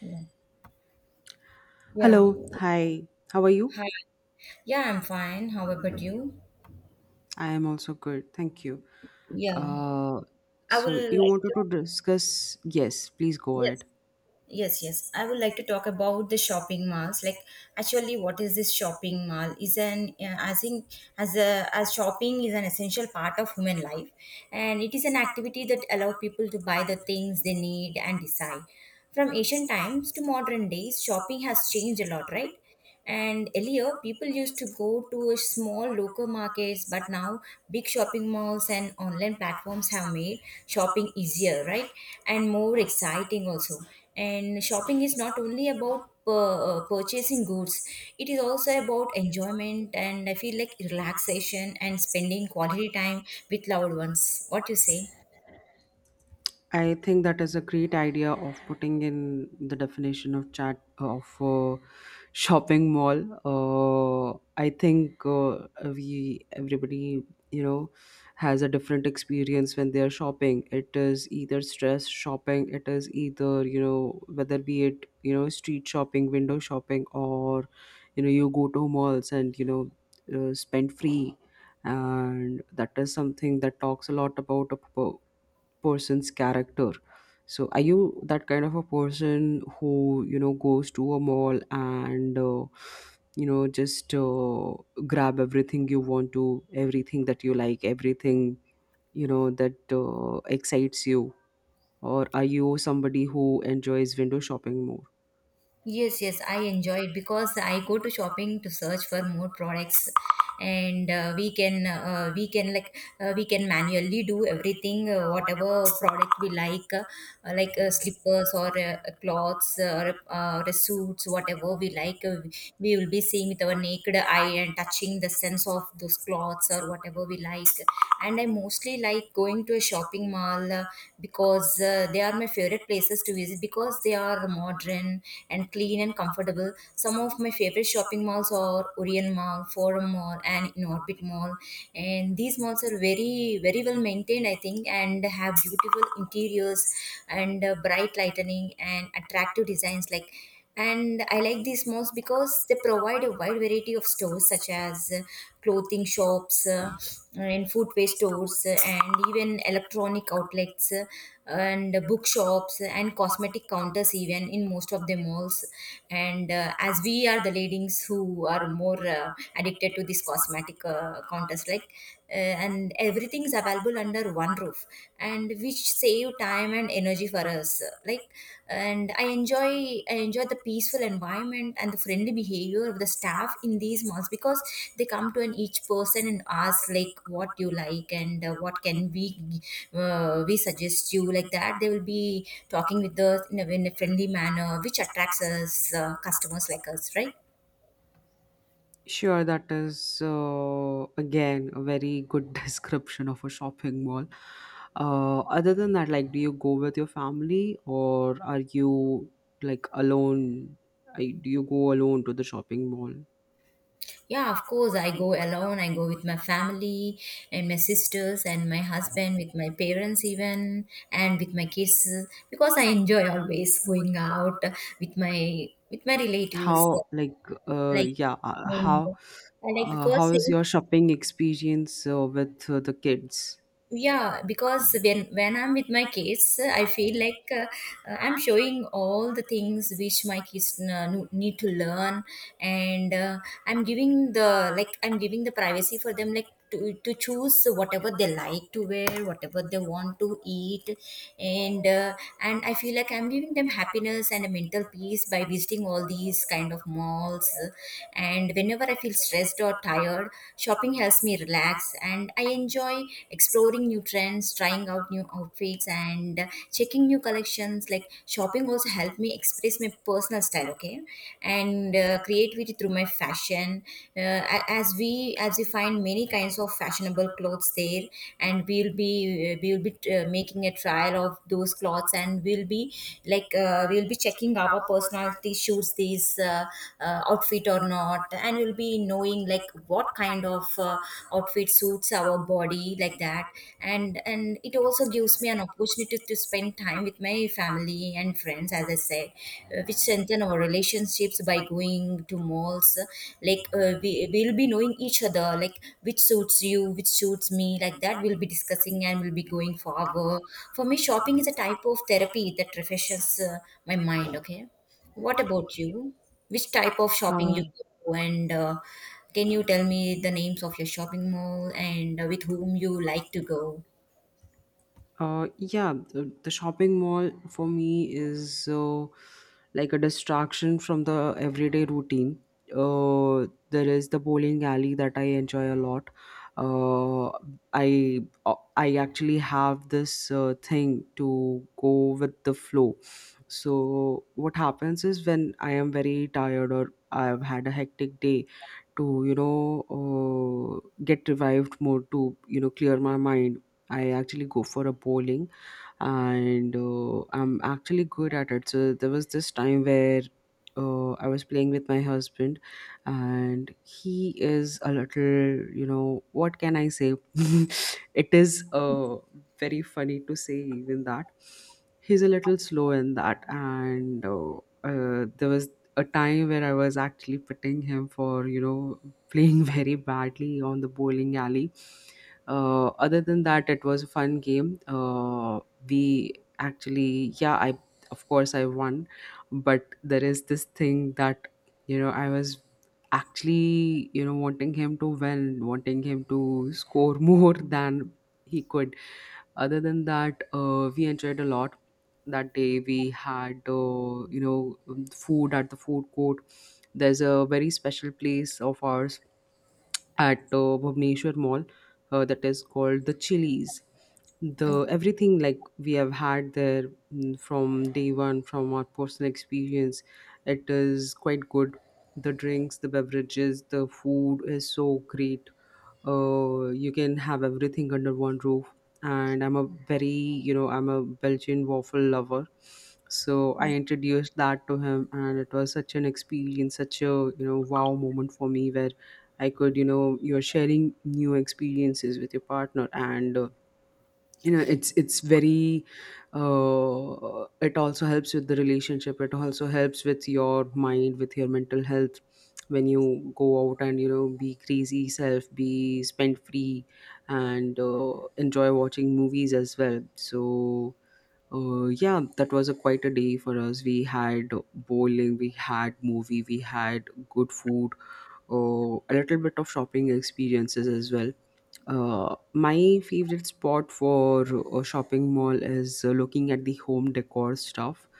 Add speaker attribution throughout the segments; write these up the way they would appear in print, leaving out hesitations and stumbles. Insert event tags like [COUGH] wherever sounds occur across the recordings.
Speaker 1: Yeah. Yeah.
Speaker 2: Hello, hi. How are you?
Speaker 1: Hi. Yeah, I'm fine. How about you?
Speaker 2: I am also good, thank you.
Speaker 1: Yeah.
Speaker 2: Uh,
Speaker 1: I would
Speaker 2: so you
Speaker 1: like
Speaker 2: wanted
Speaker 1: to
Speaker 2: to discuss? Yes, please go
Speaker 1: yes.
Speaker 2: ahead.
Speaker 1: Yes, yes. I would like to talk about the shopping malls. Like, actually, what is this shopping mall? Is an I think, as a as shopping is an essential part of human life, and it is an activity that allow people to buy the things they need and decide. From ancient times to modern days, shopping has changed a lot, right? And earlier, people used to go to a small local markets, but now big shopping malls and online platforms have made shopping easier, right? And more exciting also. And shopping is not only about purchasing goods, it is also about enjoyment and I feel like relaxation and spending quality time with loved ones. What you say?
Speaker 2: I think that is a great idea of putting in the definition of chat of shopping mall. I think we everybody you know has a different experience when they are shopping. It is either stress shopping. It is either you know whether be it you know street shopping, window shopping, or you know you go to malls and spend free. And that is something that talks a lot about a person's character, so are you that kind of a person who you know goes to a mall and you know just grab everything you want to, everything that you like, everything you know that excites you, or are you somebody who enjoys window shopping more?
Speaker 1: Yes, yes, I enjoy it because I go to shopping to search for more products, and we can like we can manually do everything, whatever product we like slippers or clothes or or suits, whatever we like. We will be seeing with our naked eye and touching the sense of those clothes or whatever we like. And I mostly like going to a shopping mall, because they are my favorite places to visit because they are modern and clean and comfortable. Some of my favorite shopping malls are Orion Mall, Forum Mall, and in Orbit Mall. And these malls are very, very well maintained, I think, and have beautiful interiors and bright lighting and attractive designs, like, and I like these malls because they provide a wide variety of stores, such as clothing shops, and footwear stores, and even electronic outlets, and bookshops and cosmetic counters even in most of the malls. And as we are the ladies who are more addicted to these cosmetic, counters, like, and everything is available under one roof, and which save time and energy for us, like, and I enjoy the peaceful environment and the friendly behavior of the staff in these malls, because they come to an each person and ask like what you like, and, what can we, we suggest you, like that they will be talking with us in in a friendly manner which attracts us, customers like us, right?
Speaker 2: Sure, that is again a very good [LAUGHS] description of a shopping mall. Other than that, like, do you go with your family or are you like alone? I, do you go alone to the shopping mall?
Speaker 1: Yeah, of course, I go alone. I go with my family and my sisters and my husband, with my parents, even, and with my kids because I enjoy always going out with my relatives. Like,
Speaker 2: How, like, yeah,
Speaker 1: and, I like because,
Speaker 2: how is your shopping experience with the kids?
Speaker 1: yeah, because when I'm with my kids, I feel like, I'm showing all the things which my kids, need to learn. And I'm giving the, like, I'm giving the privacy for them, like, to choose whatever they like to wear, whatever they want to eat. And uh, and I feel like I'm giving them happiness and a mental peace by visiting all these kind of malls. And whenever I feel stressed or tired, shopping helps me relax, and I enjoy exploring new trends, trying out new outfits, and checking new collections, like, shopping also helped me express my personal style. Okay. And creativity through my fashion. As we, as we find many kinds of fashionable clothes there, and we will be making a trial of those clothes, and we'll be, like, we'll be checking our personality, shoots these, outfit or not, and we'll be knowing, like, what kind of outfit suits our body, like that. And it also gives me an opportunity to spend time with my family and friends, as I said, which strengthen our relationships by going to malls, like, we will be knowing each other, like which suits you, which suits me, like that, we'll be discussing and we'll be going forward. For me, shopping is a type of therapy that refreshes my mind. Okay. What about you? Which type of shopping you
Speaker 2: Uh,
Speaker 1: go to? And can you tell me the names of your shopping mall and with whom you like to go?
Speaker 2: Yeah, the shopping mall for me is like a distraction from the everyday routine. There is the bowling alley that I enjoy a lot. Uh, I actually have this thing to go with the flow. So what happens is when I am very tired or I've had a hectic day to get revived more to you know clear my mind. I actually go for a bowling, and I'm actually good at it. So there was this time where I was playing with my husband, and he is a little, you know, what can I say? [LAUGHS] it is Very funny to say even that he's a little slow in that, and there was a time where I was actually putting him for, you know, playing [LAUGHS] very badly on the bowling alley. Other than that, it was a fun game. We actually, yeah, I, of course I won, but there is this thing that you know I was actually you know wanting him to win, wanting him to score [LAUGHS] more than he could. Other than that, we enjoyed a lot. That day we had, food at the food court. There's a very special place of ours at Bhubaneswar Mall, that is called the Chili's. The
Speaker 1: Okay.
Speaker 2: everything like we have had there, from day one, from our personal experience, it is quite good. The drinks, the beverages, the food is so great. You can have everything under one roof, and I'm a very you know I'm a Belgian waffle lover. So I introduced that to him and it was such an experience, such a you know wow moment for me, where I could you know you're sharing new experiences with your partner, and you know it's very it also helps with the relationship, it also helps with your mind, with your mental health. When you go out and you know be crazy self, be spend free, and enjoy watching movies as well. So yeah, that was a quite a day for us. We had bowling, we had movie, we had good food, a little bit of shopping experiences as well. My favorite spot for a shopping mall is looking at the home decor stuff.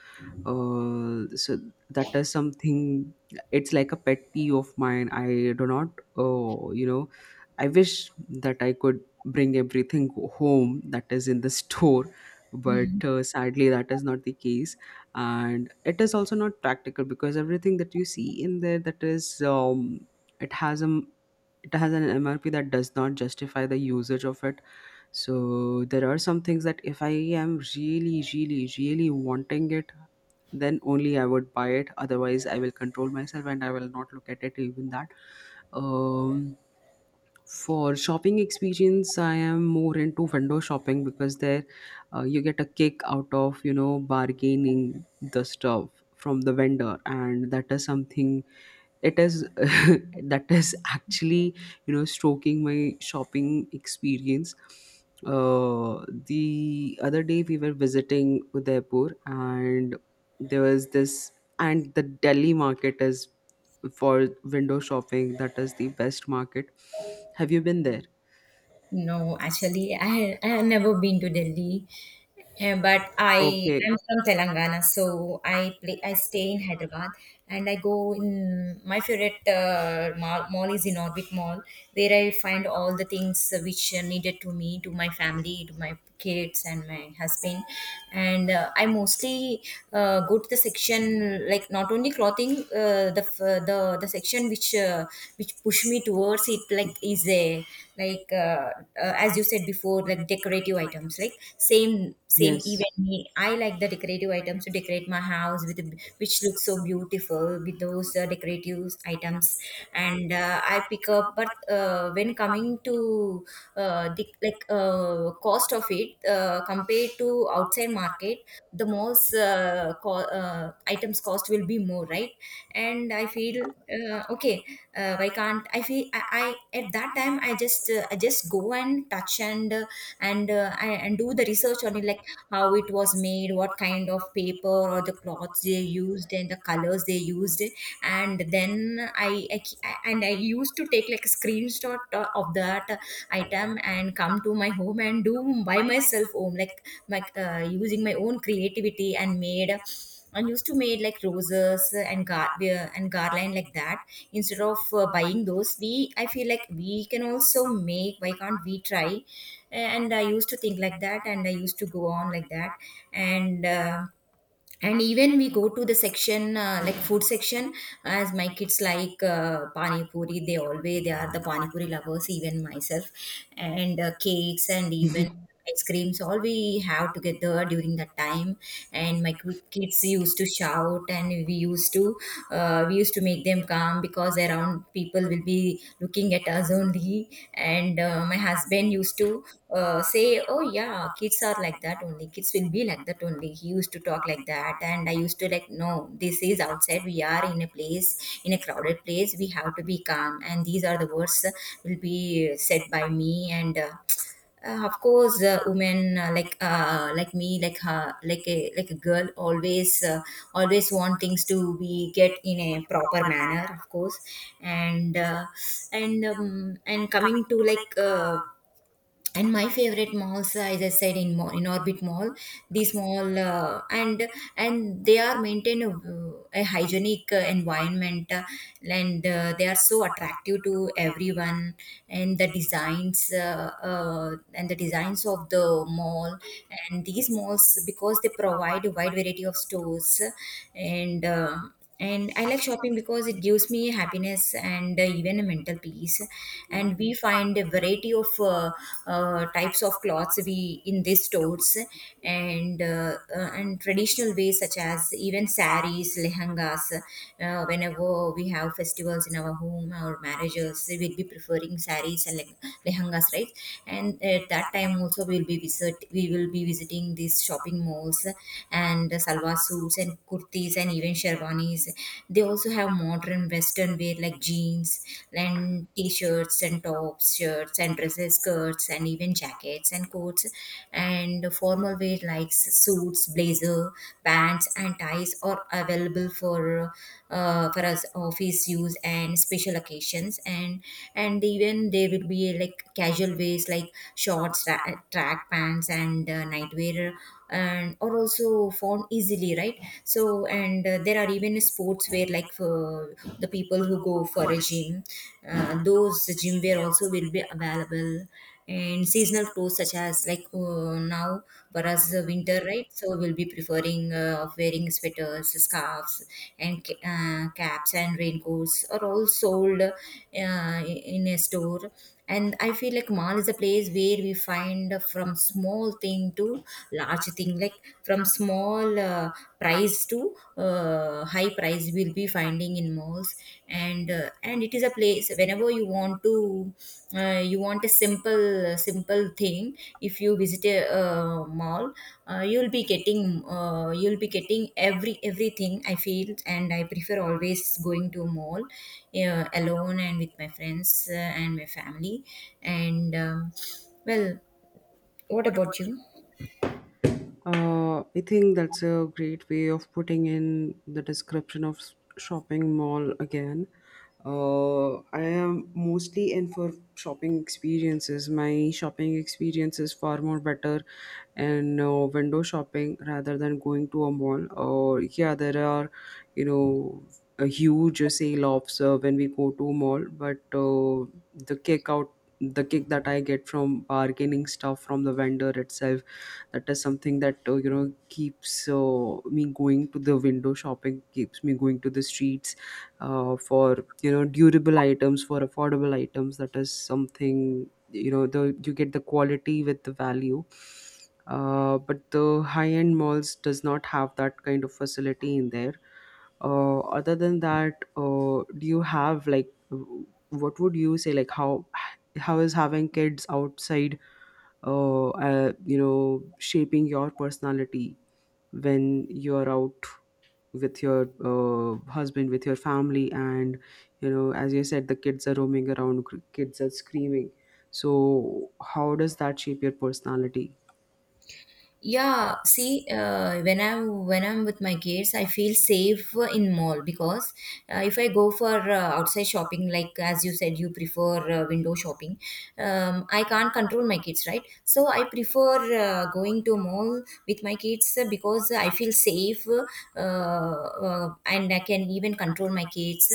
Speaker 2: So that is something. It's like a pet peeve of mine. I do not. You know, I wish that I could bring everything home that is in the [LAUGHS] store, but sadly that is not the case, and it is also not practical because everything that you see in there, that is it has a, it has an MRP that does not justify the usage of it. So there are some things that if I am really, really, really wanting it, then only I would buy it, otherwise I will control myself and I will not look at it even that. um, for shopping experience I am more into window shopping, because there you get a kick out of you know bargaining the stuff from the vendor, and that is something, it is [LAUGHS] that is actually you know stroking my shopping experience. uh the other day we were visiting Udaipur, and there was this, and the Delhi market is for window shopping, that is the best market. Have you been there?
Speaker 1: No, actually, I have never been to Delhi, eh, but I
Speaker 2: Okay.
Speaker 1: am from Telangana, so I stay in Hyderabad, and I go in my favorite mall is in Orbit Mall, where I find all the things which are needed to me, to my family, to my kids, and my husband. And I mostly, go to the section like not only clothing, the, f- the section which, which pushed me towards it, like, is a, like, as you said before, like decorative items, like same,
Speaker 2: Yes.
Speaker 1: even me, I like the decorative items to decorate my house with, which looks so beautiful with those decorative items. And I pick up, but when coming to the, like, cost of it, compared to outside market, the most items cost will be more, right? And I feel, okay, why can't I feel, I at that time, I just, go and touch, and and do the research on it, like how it was made, what kind of paper or the cloths they used and the colors they used. And then i, I I used to take like a screenshot of that item and come to my home and do by myself home, like, my, using my own creativity, and made, and used to made like roses and gar and garland, like that, instead of buying those, we, I feel like we can also make, why can't we try? And I used to think like that, and I used to go on like that. And uh, and even we go to the section, like food section, as my kids like pani puri, they always, they are the pani puri lovers, even myself. And cakes and even ice creams, all we have together during that time. And my kids used to shout, and we used to, we used to make them calm because was around, people will be looking at us only. And my husband used to, say, "Oh yeah, kids are like that only. Kids will be like that only." He used to talk like that, and I used to like, "No, this is outside. We are in a place, in a crowded place. We have to be calm." And these are the words, will be said by me, and, of course, women, like, like me, like her, like a girl, always, always want things to be get in a proper manner, of course. And coming to, like, and my favorite malls, as I said, in mall, in Orbit Mall, these mall, and they are maintain a hygienic environment, and they are so attractive to everyone, and the designs, and the designs of the mall, and these malls because they provide a wide variety of stores. And uh, and I like shopping because it gives me happiness and, even a mental peace. And we find a variety of, types of clothes we in these stores. And, and traditional ways such as even saris, lehengas, whenever we have festivals in our home or marriages, we'll be preferring saris and lehengas, right? And at that time also, we will be visiting these shopping malls. And salwar suits and kurtis and even sherwanis. They also have modern western wear like jeans and t-shirts and tops, shirts and dresses, skirts and even jackets and coats. And formal wear like suits, blazer, pants, and ties are available for, for us office use and special occasions. And even there will be like casual ways, like shorts, track pants and nightwear, and are also found easily, right? So and there are even sports where, like for the people who go for a gym, those gym wear also will be available. And seasonal clothes such as, like, now for us the winter, right? So we'll be preferring of wearing sweaters, scarves, and caps and raincoats are all sold in a store. And I feel like mall is a place where we find from small thing to large thing, like, from small price to high price, will be finding in malls. And it is a place whenever you want to, you want a simple thing, if you visit a mall You'll be getting you'll be getting everything, I feel. And I prefer always going to a mall, alone and with my friends, and my family. And um, well what about you?
Speaker 2: I think that's a great way of putting in the description of shopping mall again. I am mostly in for shopping experiences. My shopping experience is far more better in window shopping rather than going to a mall. Or yeah, there are you know a huge sale offs when we go to a mall, but the kick out the kick that I get from bargaining stuff from the vendor itself, that is something that you know keeps me going to the window shopping, keeps me going to the streets, for you know durable items, for affordable items. That is something, you know the you get the quality with the value. But the high end malls does not have that kind of facility in there. Other than that, do you have like what would you say, like how is having kids outside you know shaping your personality when you're out with your husband, with your family, and you know as you said the kids are roaming around, kids are screaming, so how does that shape your personality?
Speaker 1: Yeah, see, when I'm with my kids, I feel safe in mall because, if I go for outside shopping, like as you said, you prefer window shopping. I can't control my kids, right? So I prefer going to mall with my kids, because I feel safe and I can even control my kids,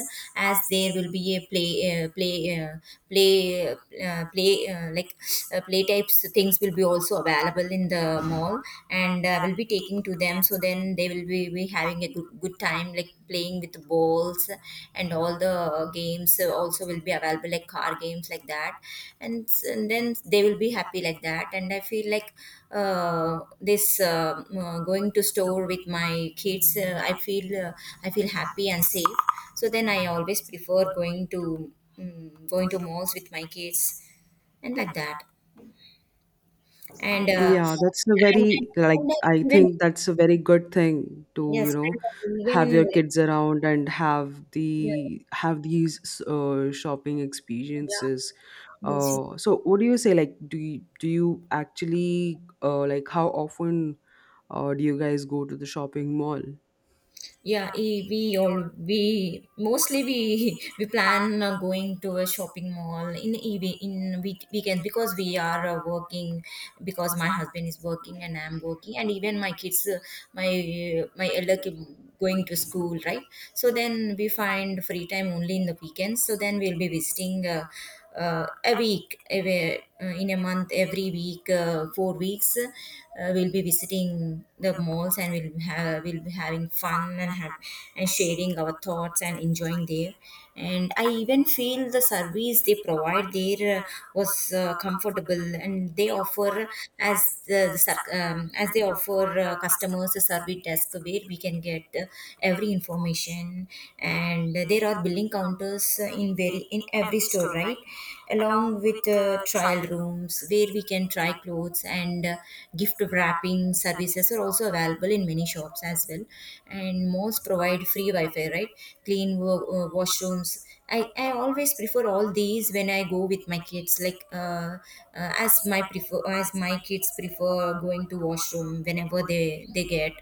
Speaker 1: as there will be a play play play play like play types things will be also available in the mall, and I will be taking to them, so then they will be having a good time, like playing with balls, and all the games also will be available, like car games, like that. And then they will be happy, like that. And I feel like, this going to store with my kids, I feel I feel happy and safe. So then I always prefer going to going to malls with my kids, and like that. and uh,
Speaker 2: Yeah, that's a
Speaker 1: and, and,
Speaker 2: very like
Speaker 1: and I
Speaker 2: I
Speaker 1: even,
Speaker 2: think that's a very good thing to,
Speaker 1: yes,
Speaker 2: you know,
Speaker 1: and I
Speaker 2: have your
Speaker 1: even,
Speaker 2: kids around and have
Speaker 1: yeah,
Speaker 2: the have these shopping
Speaker 1: yeah,
Speaker 2: experiences.
Speaker 1: yes, yes,
Speaker 2: So what do you say, like do you, actually like how often do you guys go to the shopping mall?
Speaker 1: yeah we all we mostly we [LAUGHS] we plan going to a shopping mall in evening, in weekend, because we are working, because my husband is working and I'm working. And even my kids, my elder kid going to school, right? So then we find free time only in the weekends. So then we'll be visiting, a week every, in a month, every week, 4 weeks, we'll be visiting the malls, and we'll be having fun and have, and sharing our thoughts and enjoying there. And I even feel the service they provide there, was comfortable. And they offer, as as they offer customers a service desk where we can get every information. And there are billing counters, in every store, right? Along with trial rooms, where we can try clothes. And gift wrapping services are also available in many shops as well. And most provide free Wi-Fi, right? Clean washrooms. I always prefer all these when I go with my kids, like uh, as my kids prefer going to washroom, whenever they get,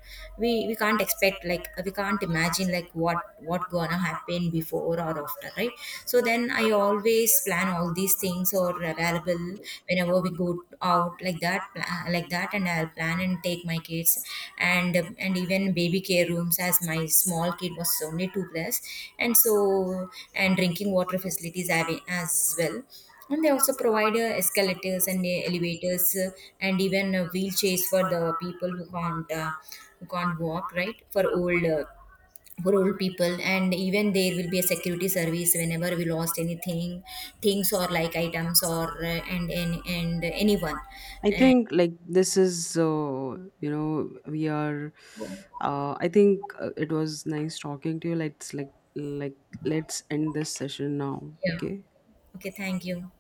Speaker 1: we can't expect, like we can't imagine like what gonna happen before or after, right? So then I always plan all these things or available, whenever we go out, like like that. And I'll plan and take my kids, and and even baby care rooms, as my small kid was only two plus. And so, and drinking water facilities have, as well. And they also provide escalators and elevators, and even wheelchairs for the people who can't walk, right? For old for old people. And even there will be a security service whenever we lost anything, things or like items, or and anyone,
Speaker 2: I
Speaker 1: uh,
Speaker 2: think like this is you know we are I think it was nice talking to you. Let's let's end this session now.
Speaker 1: yeah,
Speaker 2: Okay.
Speaker 1: okay, thank you.